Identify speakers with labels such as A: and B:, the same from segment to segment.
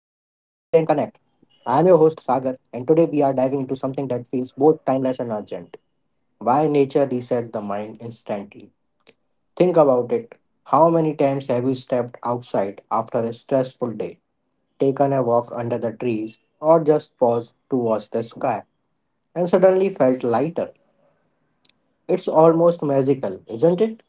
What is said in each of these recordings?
A: I am your host Sagar, and today we are diving into something that feels both timeless and urgent. Why nature resets the mind instantly? Think about it. How many times have you stepped outside after a stressful day, taken a walk under the trees, or just paused to watch the sky, and suddenly felt lighter? It's almost magical, isn't it?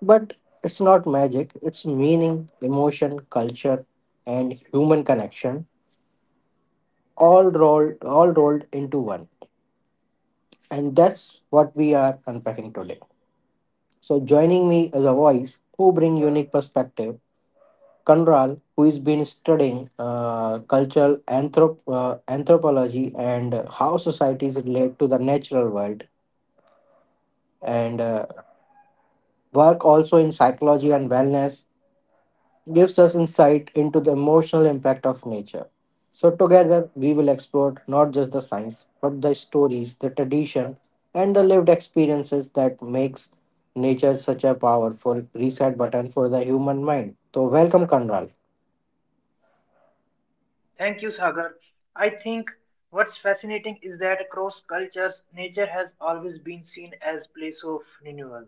A: But it's not magic, it's meaning, emotion, culture, and human connection all rolled into one. And that's what we are unpacking today. So joining me as a voice who bring unique perspective, Kanral, who has been studying cultural anthropology and how societies relate to the natural world, and work also in psychology and wellness gives us insight into the emotional impact of nature. So, together we will explore not just the science, but the stories, the tradition, and the lived experiences that makes nature such a powerful reset button for the human mind. So, welcome, Kanral.
B: Thank you, Sagar. I think what's fascinating is that across cultures, nature has always been seen as place of renewal.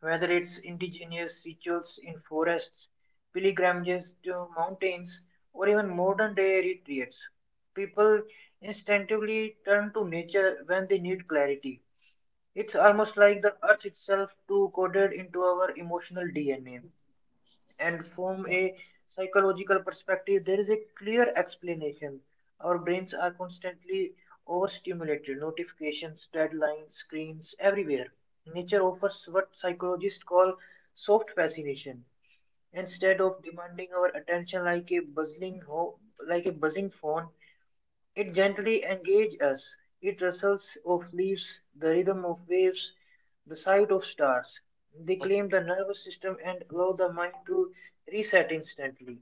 B: Whether it's indigenous rituals in forests, pilgrimages to mountains, or even modern day retreats, people instinctively turn to nature when they need clarity. It's almost like the earth itself too coded into our emotional DNA. And from a psychological perspective, there is a clear explanation. Our brains are constantly overstimulated, notifications, deadlines, screens, everywhere. Nature offers what psychologists call soft fascination. Instead of demanding our attention like a buzzing like a buzzing phone, it gently engages us. It rustles of leaves, the rhythm of waves, the sight of stars. They calm the nervous system and allow the mind to reset instantly.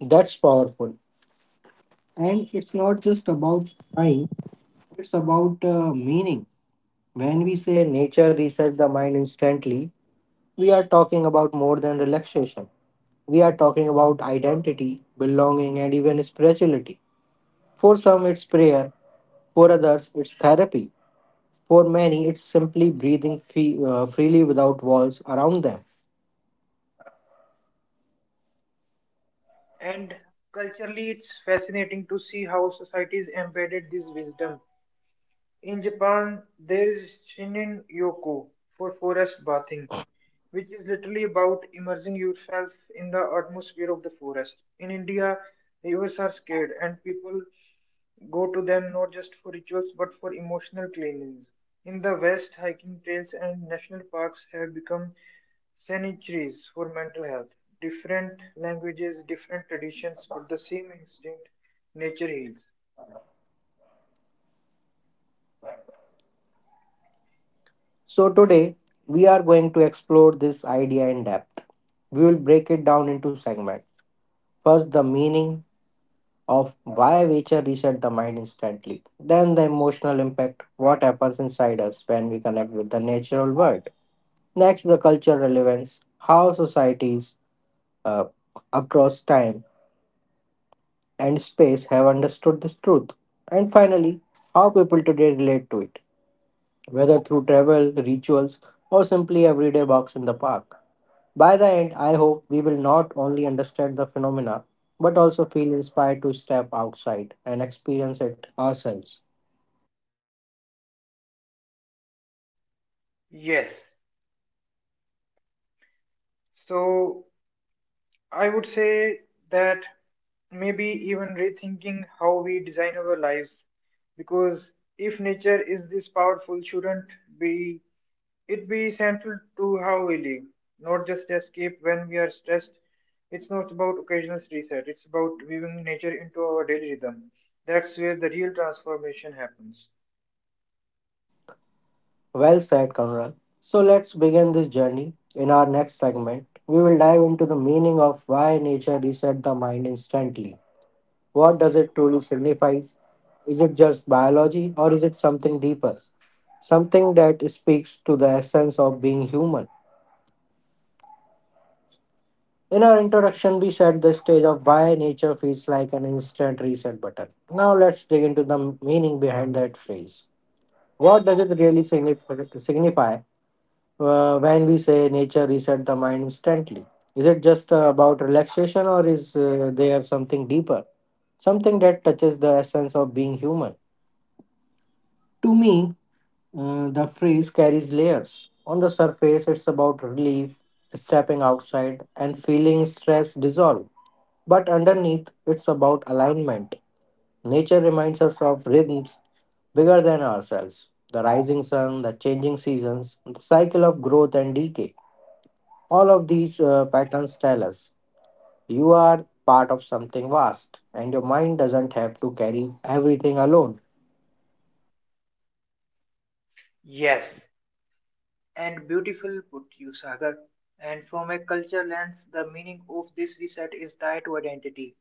A: That's powerful. And it's not just about time; it's about meaning. When we say nature resets the mind instantly, we are talking about more than relaxation. We are talking about identity, belonging, and even spirituality. For some, it's prayer, for others, it's therapy. For many, it's simply breathing freely without walls around them.
B: And culturally, it's fascinating to see how societies embedded this wisdom. In Japan, there is shinin yoko for forest bathing, which is literally about immersing yourself in the atmosphere of the forest. In India, rivers are scared and people go to them not just for rituals but for emotional cleansings. In the West, hiking trails and national parks have become sanctuaries for mental health. Different languages, different traditions, but the same instinct nature heals.
A: So, today, we are going to explore this idea in depth. We will break it down into segments. First, the meaning of why nature reset the mind instantly. Then, the emotional impact, what happens inside us when we connect with the natural world. Next, the cultural relevance, how societies uh, across time and space have understood this truth. And finally, how people today relate to it, whether through travel, rituals, or simply everyday walks in the park. By the end, I hope we will not only understand the phenomena but also feel inspired to step outside and experience it ourselves.
B: Yes. So I would say that maybe even rethinking how we design our lives because if nature is this powerful shouldn't be it be central to how we live, not just escape when we are stressed. It's not about occasional reset, it's about weaving nature into our daily rhythm. That's where the real transformation happens.
A: Well said, Conrad. So let's begin this journey. In our next segment, we will dive into the meaning of why nature resets the mind instantly. What does it truly signify? Is it just biology or is it something deeper? Something that speaks to the essence of being human. In our introduction, we set the stage of why nature feels like an instant reset button. Now let's dig into the meaning behind that phrase. What does it really signify when we say nature reset the mind instantly? Is it just about relaxation or is there something deeper? Something that touches the essence of being human? To me, the phrase carries layers. On the surface, it's about relief, stepping outside, and feeling stress dissolve. But underneath, it's about alignment. Nature reminds us of rhythms bigger than ourselves, the rising sun, the changing seasons, the cycle of growth and decay. All of these patterns tell us you are part of something vast, and your mind doesn't have to carry everything alone.
B: Yes, and beautiful put you, Sagar. And from a culture lens, the meaning of this reset is tied to identity.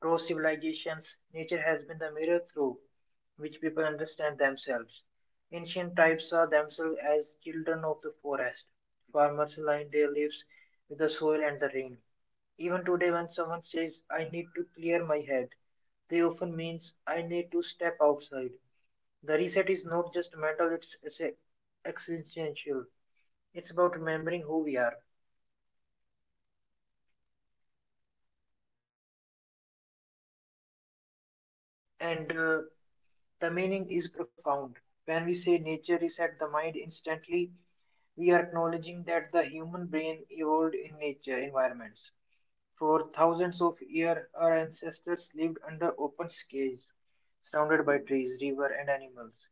B: Through civilizations, nature has been the mirror through which people understand themselves. Ancient tribes saw themselves as children of the forest. Farmers lined their lives with the soil and the rain. Even today, when someone says, I need to clear my head, they often means I need to step outside. The reset is not just mental, it's existential. It's about remembering who we are. And the meaning is profound. When we say nature reset the mind instantly, we are acknowledging that the human brain evolved in nature environments. For thousands of years, our ancestors lived under open skies, surrounded by trees, river, and animals.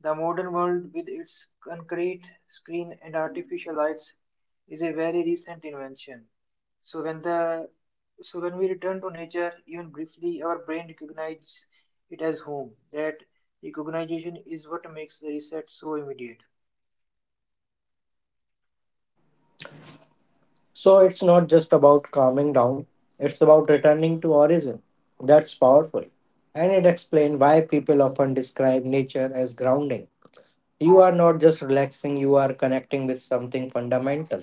B: The modern world, with its concrete screen and artificial lights, is a very recent invention. So when the so when we return to nature, even briefly, our brain recognizes it as home. That recognition is what makes the reset so immediate.
A: So it's not just about calming down, it's about returning to origin. That's powerful. And it explains why people often describe nature as grounding. You are not just relaxing, you are connecting with something fundamental.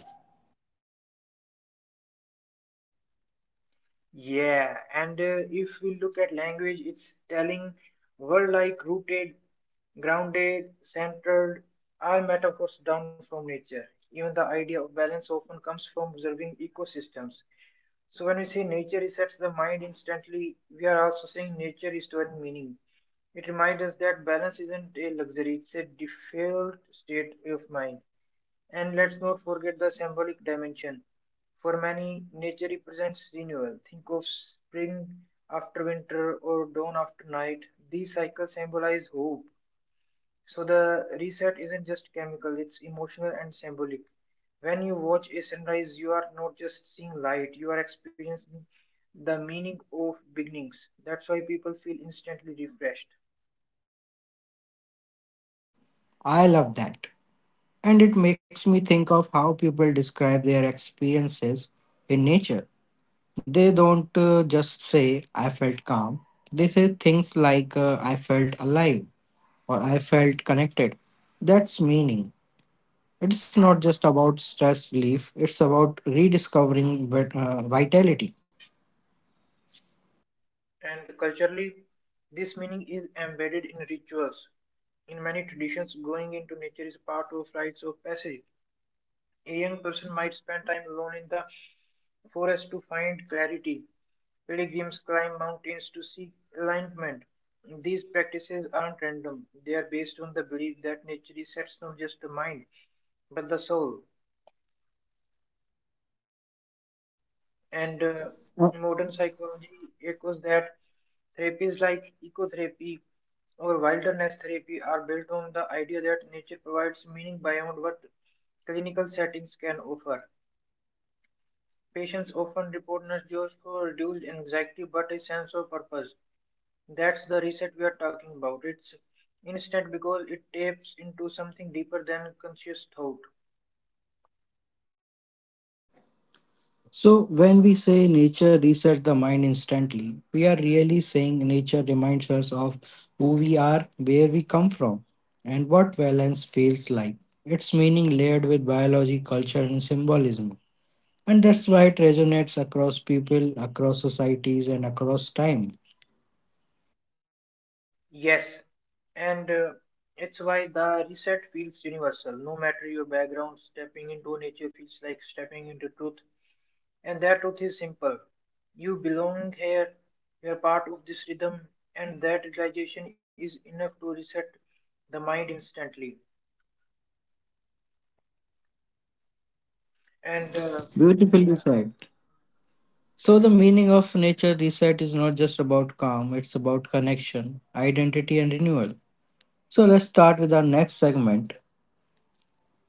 B: Yeah, and If we look at language, it's telling word like rooted, grounded, centered, are metaphors down from nature. Even the idea of balance often comes from observing ecosystems. So when we say nature resets the mind instantly, we are also saying nature is restoring meaning. It reminds us that balance isn't a luxury, it's a default state of mind. And let's not forget the symbolic dimension. For many, nature represents renewal. Think of spring after winter or dawn after night. These cycles symbolize hope. So the reset isn't just chemical, it's emotional and symbolic. When you watch a sunrise, you are not just seeing light, you are experiencing the meaning of beginnings. That's why people feel instantly refreshed.
A: I love that. And it makes me think of how people describe their experiences in nature. They don't just say, I felt calm. They say things like, I felt alive or I felt connected. That's meaning. It's not just about stress relief, it's about rediscovering vitality.
B: And culturally, this meaning is embedded in rituals. In many traditions, going into nature is part of rites of passage. A young person might spend time alone in the forest to find clarity. Pilgrims climb mountains to seek alignment. These practices aren't random. They are based on the belief that nature resets not just the mind, but the soul. And modern psychology echoes that therapies like ecotherapy or wilderness therapy are built on the idea that nature provides meaning beyond what clinical settings can offer. Patients often report not just for reduced anxiety but a sense of purpose. That's the reset we are talking about. It's instant because it taps into something deeper than conscious thought.
A: So, when we say nature resets the mind instantly, we are really saying nature reminds us of who we are, where we come from, and what balance feels like. Its meaning layered with biology, culture, and symbolism. And that's why it resonates across people, across societies, and across time.
B: Yes, and it's why the reset feels universal. No matter your background, stepping into nature feels like stepping into truth. And that truth is simple. You belong here, you're part of this rhythm, and that realization is enough to reset the mind instantly. And uh,
A: Beautifully
B: yeah,
A: said. So, the
B: mhm.
A: meaning of nature reset is not just about calm, it's about connection, identity, and renewal. So, let's start with our next segment.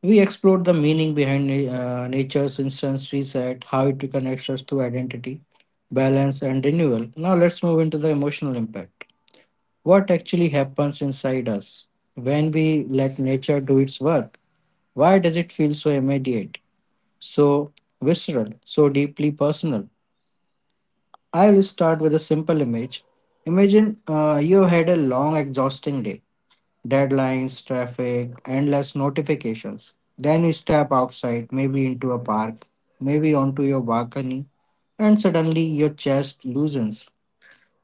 A: We explored the meaning behind nature's instance reset, how it connects us to identity, balance, and renewal. Now, let's move into the emotional impact. What actually happens inside us when we let nature do its work? Why does it feel so immediate, so visceral, so deeply personal? I will start with a simple image. Imagine you had a long, exhausting day, deadlines, traffic, endless notifications. Then you step outside, maybe into a park, maybe onto your balcony, and suddenly your chest loosens.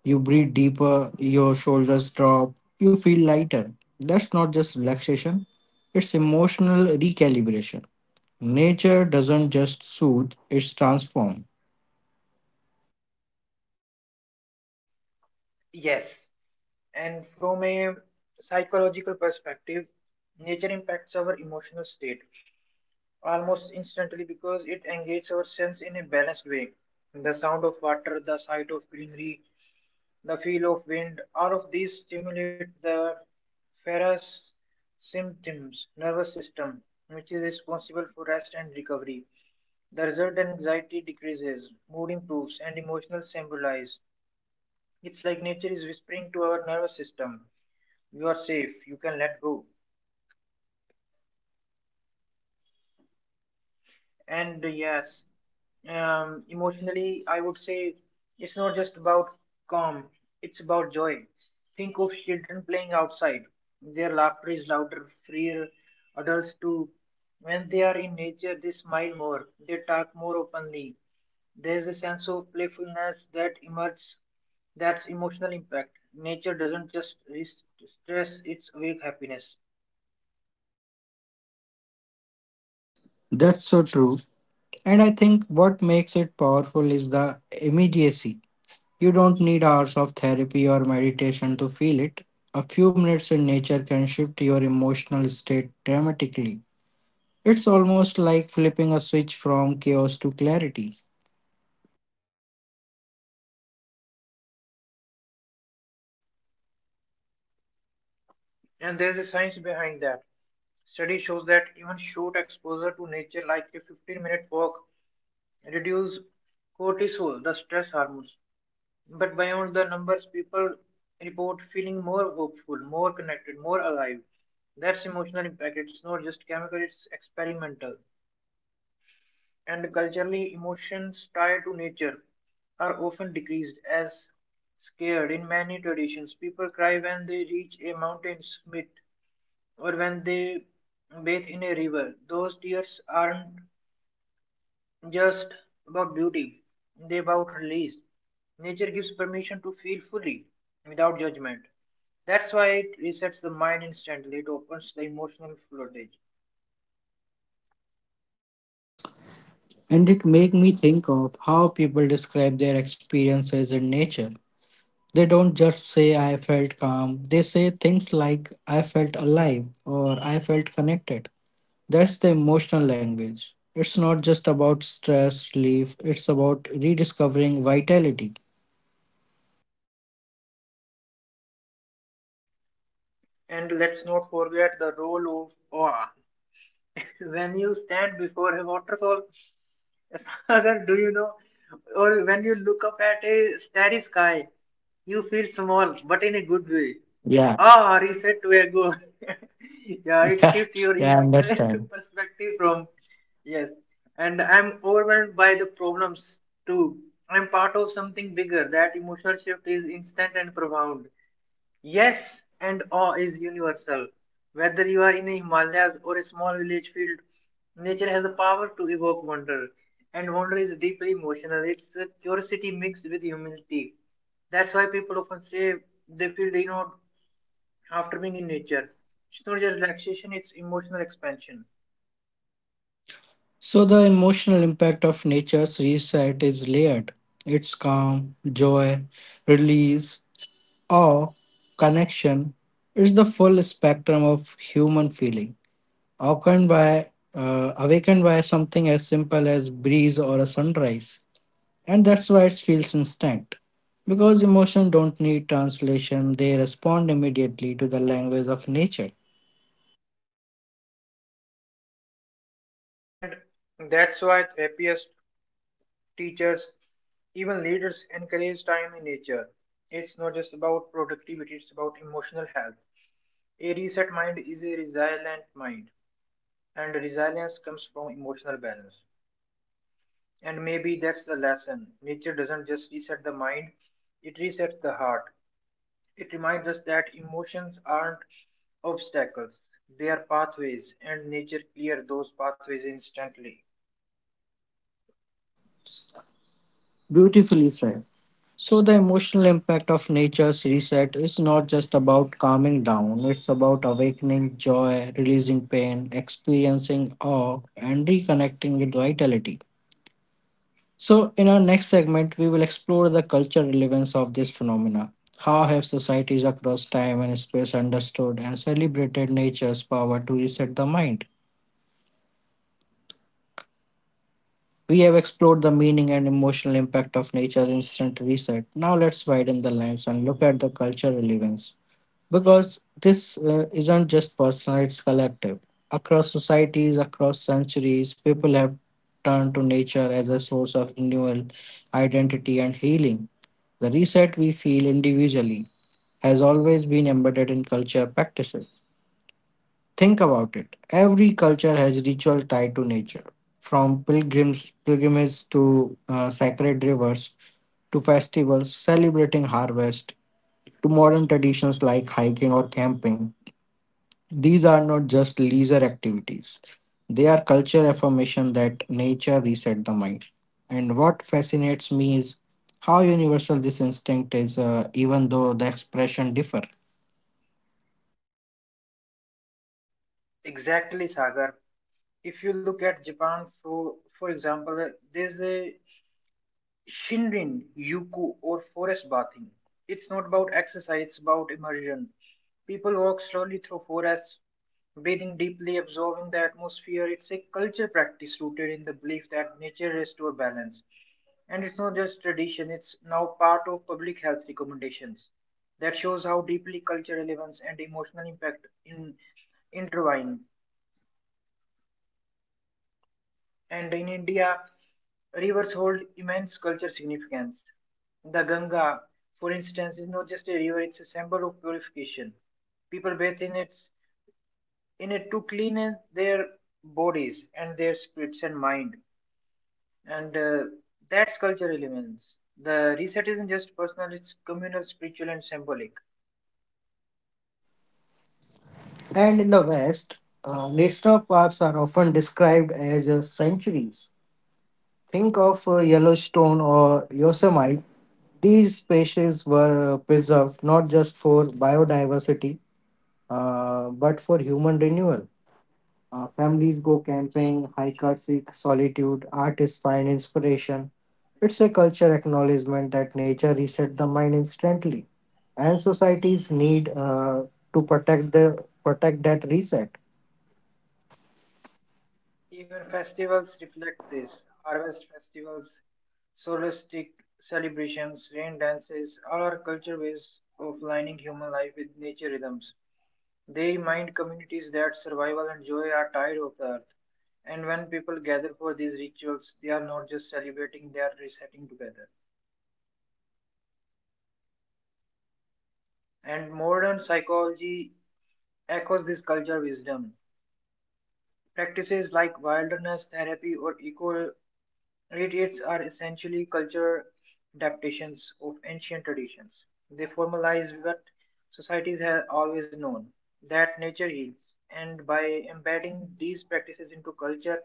A: You breathe deeper, your shoulders drop, you feel lighter. That's not just relaxation, it's emotional recalibration. Nature doesn't just soothe, it's transform.
B: Yes, and from a psychological perspective, nature impacts our emotional state almost instantly because it engages our sense in a balanced way. The sound of water, the sight of greenery, the feel of wind, all of these stimulate the ferrous symptoms nervous system, which is responsible for rest and recovery. The result anxiety decreases, mood improves, and emotional stabilize. It's like nature is whispering to our nervous system, you are safe, you can let go. And uh, yes, Emotionally, I would say it's not just about calm, it's about joy. Think of children playing outside. Their laughter is louder, freer. Adults too. When they are in nature, they smile more, they talk more openly. There's a sense of playfulness that emerges, that's emotional impact. Nature doesn't just stress, it's awake happiness.
A: That's so true. And I think what makes it powerful is the immediacy. You don't need hours of therapy or meditation to feel it. A few minutes in nature can shift your emotional state dramatically. It's almost like flipping a switch from chaos to clarity.
B: And there's a science behind that. Study shows that even short exposure to nature, like a 15-minute walk reduce cortisol, the stress hormones. But beyond the numbers, people report feeling more hopeful, more connected, more alive. That's emotional impact. It's not just chemical, it's experimental. And culturally, emotions tied to nature are often decreased as scared in many traditions. People cry when they reach a mountain summit or when they bathe in a river. Those tears aren't just about beauty, they about release. Nature gives permission to feel fully, without judgment. That's why it resets the mind instantly, it opens the emotional floodgate.
A: And it made me think of how people describe their experiences in nature. They don't just say, I felt calm, they say things like, I felt alive or I felt connected. That's the emotional language. It's not just about stress relief, it's about rediscovering vitality.
B: And let's not forget the role of awe. When you stand before a waterfall, Sagar, do you know? Or when you look up at a starry sky, you feel small, but in a good way.
A: Yeah,
B: Ah, reset to ego. Yeah, it
A: yeah,
B: shifts your
A: yeah, I
B: emotional
A: understand.
B: perspective from yes. And I'm overwhelmed by the problems too. I'm part of something bigger. That emotional shift is instant and profound. Yes, and awe is universal. Whether you are in the Himalayas or a small village field, nature has a power to evoke wonder. And wonder is deeply emotional. It's curiosity mixed with humility. That's why people often say they feel they know after being in nature. It's not just relaxation, it's emotional expansion.
A: So, the emotional impact of nature's reset is layered. It's calm, joy, release, awe, connection. It's the full spectrum of human feeling, awakened by something as simple as breeze or a sunrise. And that's why it feels instant. Because emotions don't need translation, they respond immediately to the language of nature.
B: And that's why therapists, teachers, even leaders encourage time in nature. It's not just about productivity, it's about emotional health. A reset mind is a resilient mind, and resilience comes from emotional balance. And maybe that's the lesson. Nature doesn't just reset the mind, it resets the heart. It reminds us that emotions aren't obstacles, they are pathways, and nature clears those pathways instantly.
A: Beautifully said. So, the emotional impact of nature's reset is not just about calming down, it's about awakening joy, releasing pain, experiencing awe, and reconnecting with vitality. So, in our next segment, we will explore the cultural relevance of this phenomena. How have societies across time and space understood and celebrated nature's power to reset the mind? We have explored the meaning and emotional impact of nature's instant reset. Now, let's widen the lens and look at the cultural relevance. Because this isn't just personal, it's collective. Across societies, across centuries, people have turned to nature as a source of renewal, identity, and healing. The reset we feel individually has always been embedded in culture practices. Think about it. Every culture has ritual tied to nature, from pilgrims pilgrimages to sacred rivers to festivals celebrating harvest to modern traditions like hiking or camping. These are not just leisure activities. They are culture affirmation that nature reset the mind. And what fascinates me is how universal this instinct is, even though the expression differ.
B: Exactly, Sagar. If you look at Japan, for example, there's a Shinrin, Yuku, or forest bathing. It's not about exercise, it's about immersion. People walk slowly through forests, breathing deeply, absorbing the atmosphere. It's a culture practice rooted in the belief that nature restores balance. And it's not just tradition, it's now part of public health recommendations. That shows how deeply culture relevance and emotional impact in intertwine. And in India, rivers hold immense cultural significance. The Ganga, for instance, is not just a river, it's a symbol of purification. People bathe in it to cleanse their bodies and their spirits and mind. And That's cultural elements. The reset isn't just personal, it's communal, spiritual, and symbolic.
A: And in the West, national parks are often described as sanctuaries. Think of Yellowstone or Yosemite. These species were preserved not just for biodiversity, but for human renewal. Families go camping, hikers seek solitude, artists find inspiration. It's a culture acknowledgement that nature resets the mind instantly, and societies need to protect that reset.
B: Even festivals reflect this. Harvest festivals, solstice celebrations, rain dances, all are culture ways of lining human life with nature rhythms. They remind communities that survival and joy are tied of the earth. And when people gather for these rituals, they are not just celebrating, they are resetting together. And modern psychology echoes this culture wisdom. Practices like wilderness therapy or eco retreats are essentially cultural adaptations of ancient traditions. They formalize what societies have always known that nature heals, and by embedding these practices into culture,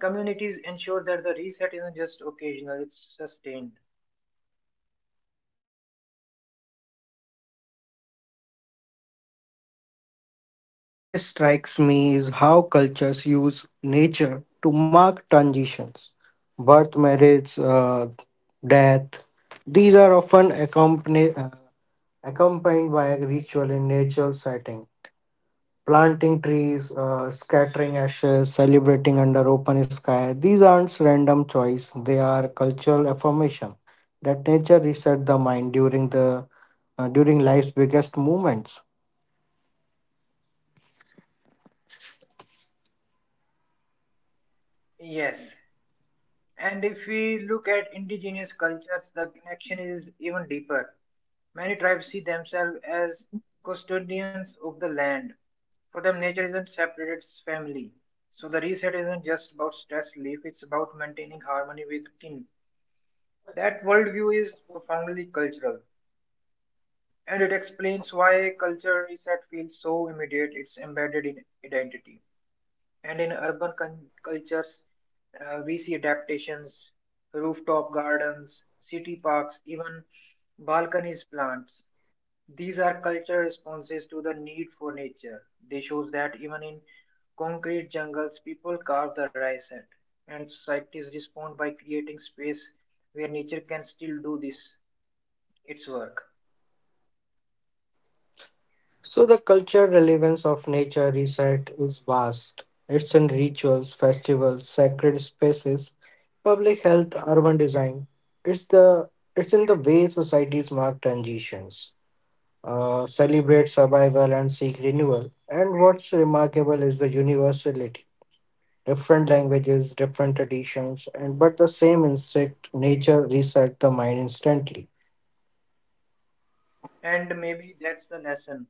B: communities ensure that the reset isn't just occasional, it's sustained.
A: What strikes me is how cultures use nature to mark transitions, birth, marriage, death. These are often accompanied by a ritual in natural setting, planting trees, scattering ashes, celebrating under open sky. These aren't random choice, they are cultural affirmation that nature resets the mind during the during life's biggest moments.
B: Yes, and if we look at indigenous cultures, the connection is even deeper. Many tribes see themselves as custodians of the land. For them, nature isn't separate, it's family. So the reset isn't just about stress relief, it's about maintaining harmony with kin. That worldview is profoundly cultural, and it explains why culture reset feels so immediate, it's embedded in identity. And in urban cultures, we see adaptations, rooftop gardens, city parks, even balconies plants. These are cultural responses to the need for nature. They shows that even in concrete jungles, people carve the rice at, and societies respond by creating space where nature can still do this its work.
A: So the cultural relevance of nature reset is vast. It's in rituals, festivals, sacred spaces, public health, urban design. It's the it's in the way societies mark transitions, celebrate survival and seek renewal. And what's remarkable is the universality. Different languages, different traditions, and but the same instinct, nature reset the mind instantly.
B: And maybe that's the lesson.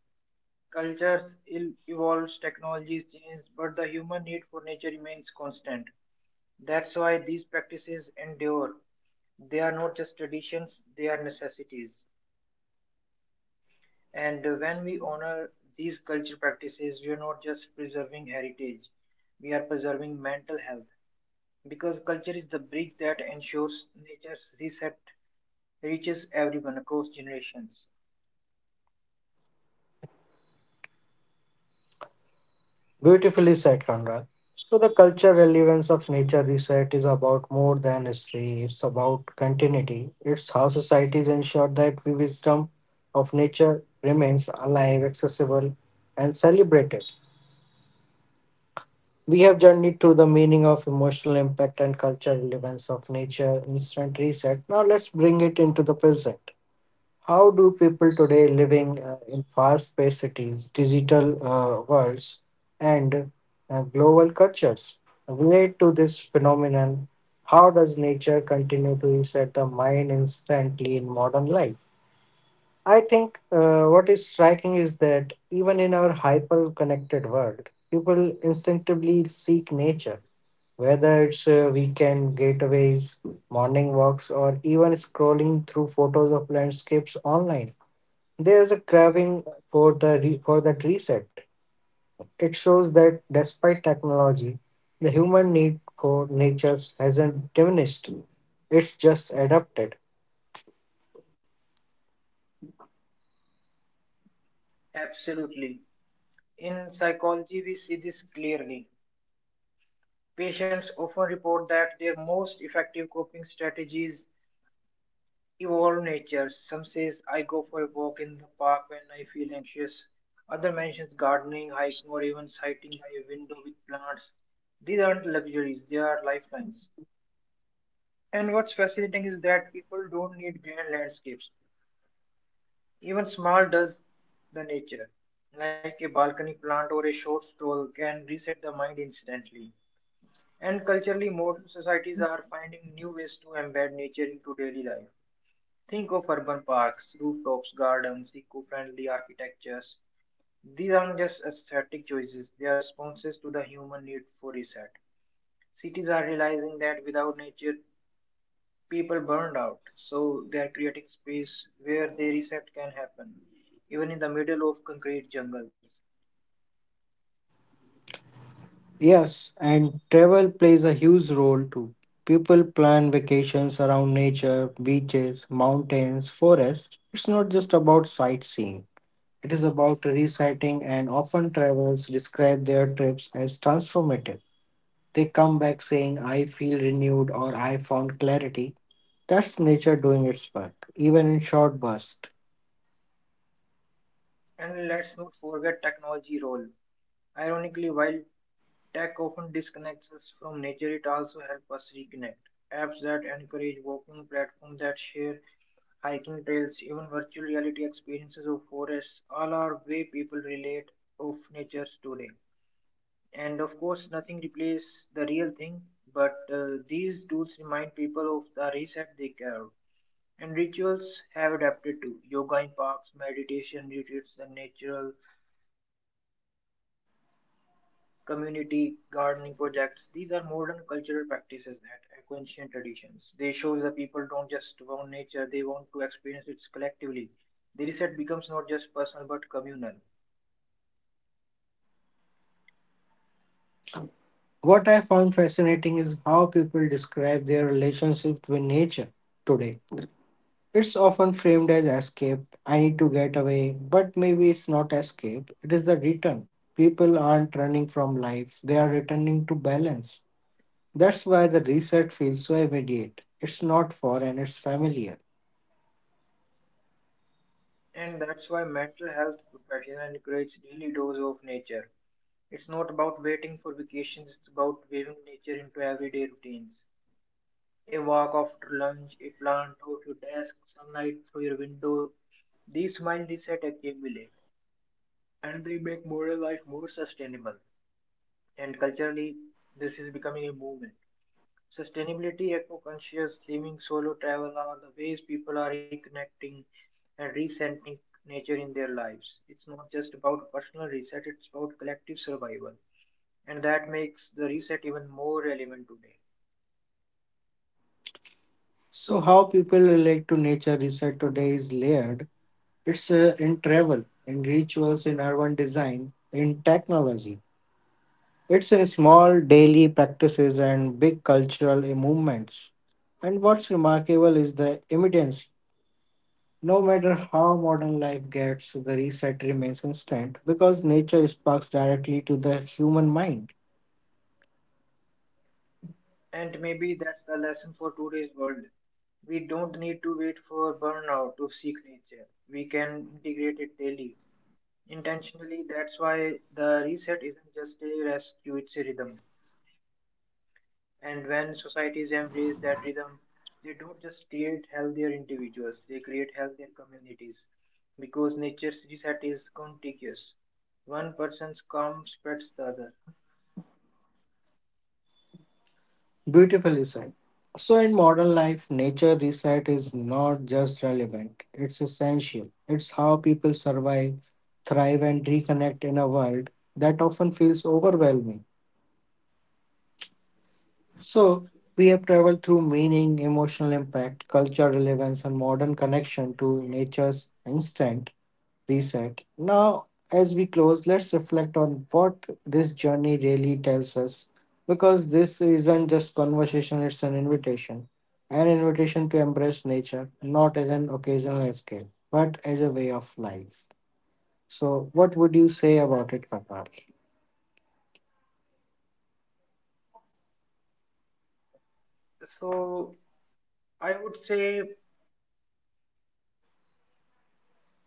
B: Cultures evolves, technologies change, but the human need for nature remains constant. That's why these practices endure. They are not just traditions, they are necessities. And when we honor these culture practices, we are not just preserving heritage, we are preserving mental health. Because culture is the bridge that ensures nature's reset reaches everyone across generations.
A: Beautifully said, Conrad. So the cultural relevance of nature reset is about more than history. It's about continuity. It's how societies ensure that the wisdom of nature remains alive, accessible, and celebrated. We have journeyed through the meaning of emotional impact and cultural relevance of nature, instant reset. Now let's bring it into the present. How do people today living in fast paced cities, digital worlds, and global cultures relate to this phenomenon? How does nature continue to reset the mind instantly in modern life? I think what is striking is that even in our hyper connected world, people instinctively seek nature whether it's weekend getaways, morning walks, or even scrolling through photos of landscapes online, there's a craving for that reset. It shows that despite technology, the human need for nature hasn't diminished. It's just adapted.
B: Absolutely. In psychology, we see this clearly. Patients often report that their most effective coping strategies evolve nature. Some says I go for a walk in the park when I feel anxious. Other mentions gardening, hiking, or even sitting by a window with plants. These aren't luxuries, they are lifelines. And what's fascinating is that people don't need grand landscapes. Even small does the nature, like a balcony plant or a short stroll, can reset the mind instantly. And culturally, modern societies are finding new ways to embed nature into daily life. Think of urban parks, rooftops, gardens, eco friendly architectures. These aren't just aesthetic choices, they are responses to the human need for reset. Cities are realizing that without nature, people burned out, so they are creating space where the reset can happen, even in the middle of concrete jungles.
A: Yes, and travel plays a huge role too. People plan vacations around nature, beaches, mountains, forests. It's not just about sightseeing. It is about reciting, and often travelers describe their trips as transformative. They come back saying, I feel renewed or I found clarity. That's nature doing its work, even in short bursts.
B: And let's not forget technology role. Ironically, while tech often disconnects us from nature, it also helps us reconnect. Apps that encourage walking, platforms that share hiking trails, even virtual reality experiences of forests, all are way people relate of nature today. And of course, nothing replaces the real thing, but these tools remind people of the reset they carry. And rituals have adapted to yoga in parks, meditation retreats, and natural setting, community gardening projects. These are modern cultural practices that echo ancient traditions. They show that people don't just want nature, they want to experience it collectively. The reset becomes not just personal but communal.
A: What I found fascinating is how people describe their relationship with nature today. It's often framed as escape. I need to get away, but maybe it's not escape, it is the return. People aren't running from life, they are returning to balance. That's why the reset feels so immediate. It's not foreign, it's familiar.
B: And that's why mental health professionals encourage daily dose of nature. It's not about waiting for vacations, it's about weaving nature into everyday routines. A walk after lunch, a plant out your desk, sunlight through your window. These small resets accumulate and they make modern life more sustainable. And culturally, this is becoming a movement. Sustainability, eco conscious living, solo travel are the ways people are reconnecting and recentering nature in their lives. It's not just about personal reset, it's about collective survival. And that makes the reset even more relevant today.
A: So, how people relate to nature reset today is layered. It's in travel, in rituals, in urban design, in technology. It's in small daily practices and big cultural movements. And what's remarkable is the immediacy. No matter how modern life gets, the reset remains instant because nature sparks directly to the human mind.
B: And maybe that's the lesson for today's world. We don't need to wait for burnout to seek nature. We can integrate it daily. Intentionally, that's why the reset isn't just a rescue, it's a rhythm. And when societies embrace that rhythm, they don't just create healthier individuals, they create healthier communities. Because nature's reset is contagious. One person's calm spreads the other.
A: Beautifully said. So, in modern life, nature reset is not just relevant, it's essential. It's how people survive, thrive, and reconnect in a world that often feels overwhelming. So, we have traveled through meaning, emotional impact, cultural relevance, and modern connection to nature's instant reset. Now, as we close, let's reflect on what this journey really tells us because this isn't just conversation, it's an invitation. An invitation to embrace nature, not as an occasional escape, but as a way of life. So, what would you say about it, Karnal?
B: So, I would say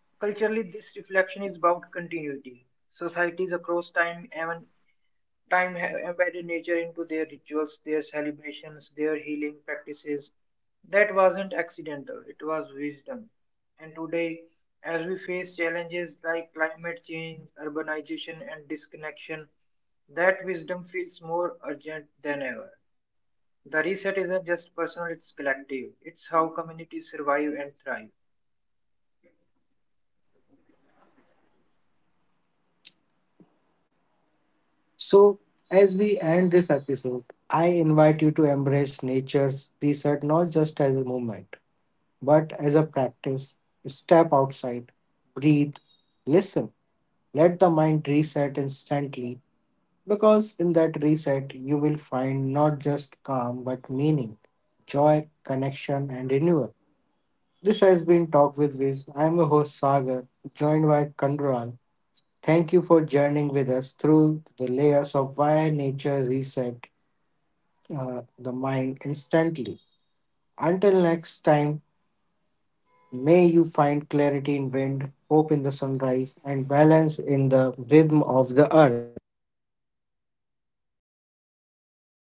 B: culturally, this reflection is about continuity. Societies across time and time have embedded nature into their rituals, their celebrations, their healing practices. That wasn't accidental, it was wisdom. And today, as we face challenges like climate change, urbanization, and disconnection, that wisdom feels more urgent than ever. The reset isn't just personal, it's collective. It's how communities survive and thrive.
A: So, as we end this episode, I invite you to embrace nature's reset not just as a movement, but as a practice. Step outside, breathe, listen. Let the mind reset instantly, because in that reset you will find not just calm but meaning, joy, connection, and renewal. This has been Talk with Viz. I am your host Sagar, joined by Kandral. Thank you for journeying with us through the layers of why nature reset the mind instantly. Until next time, may you find clarity in wind, hope in the sunrise, and balance in the rhythm of the earth.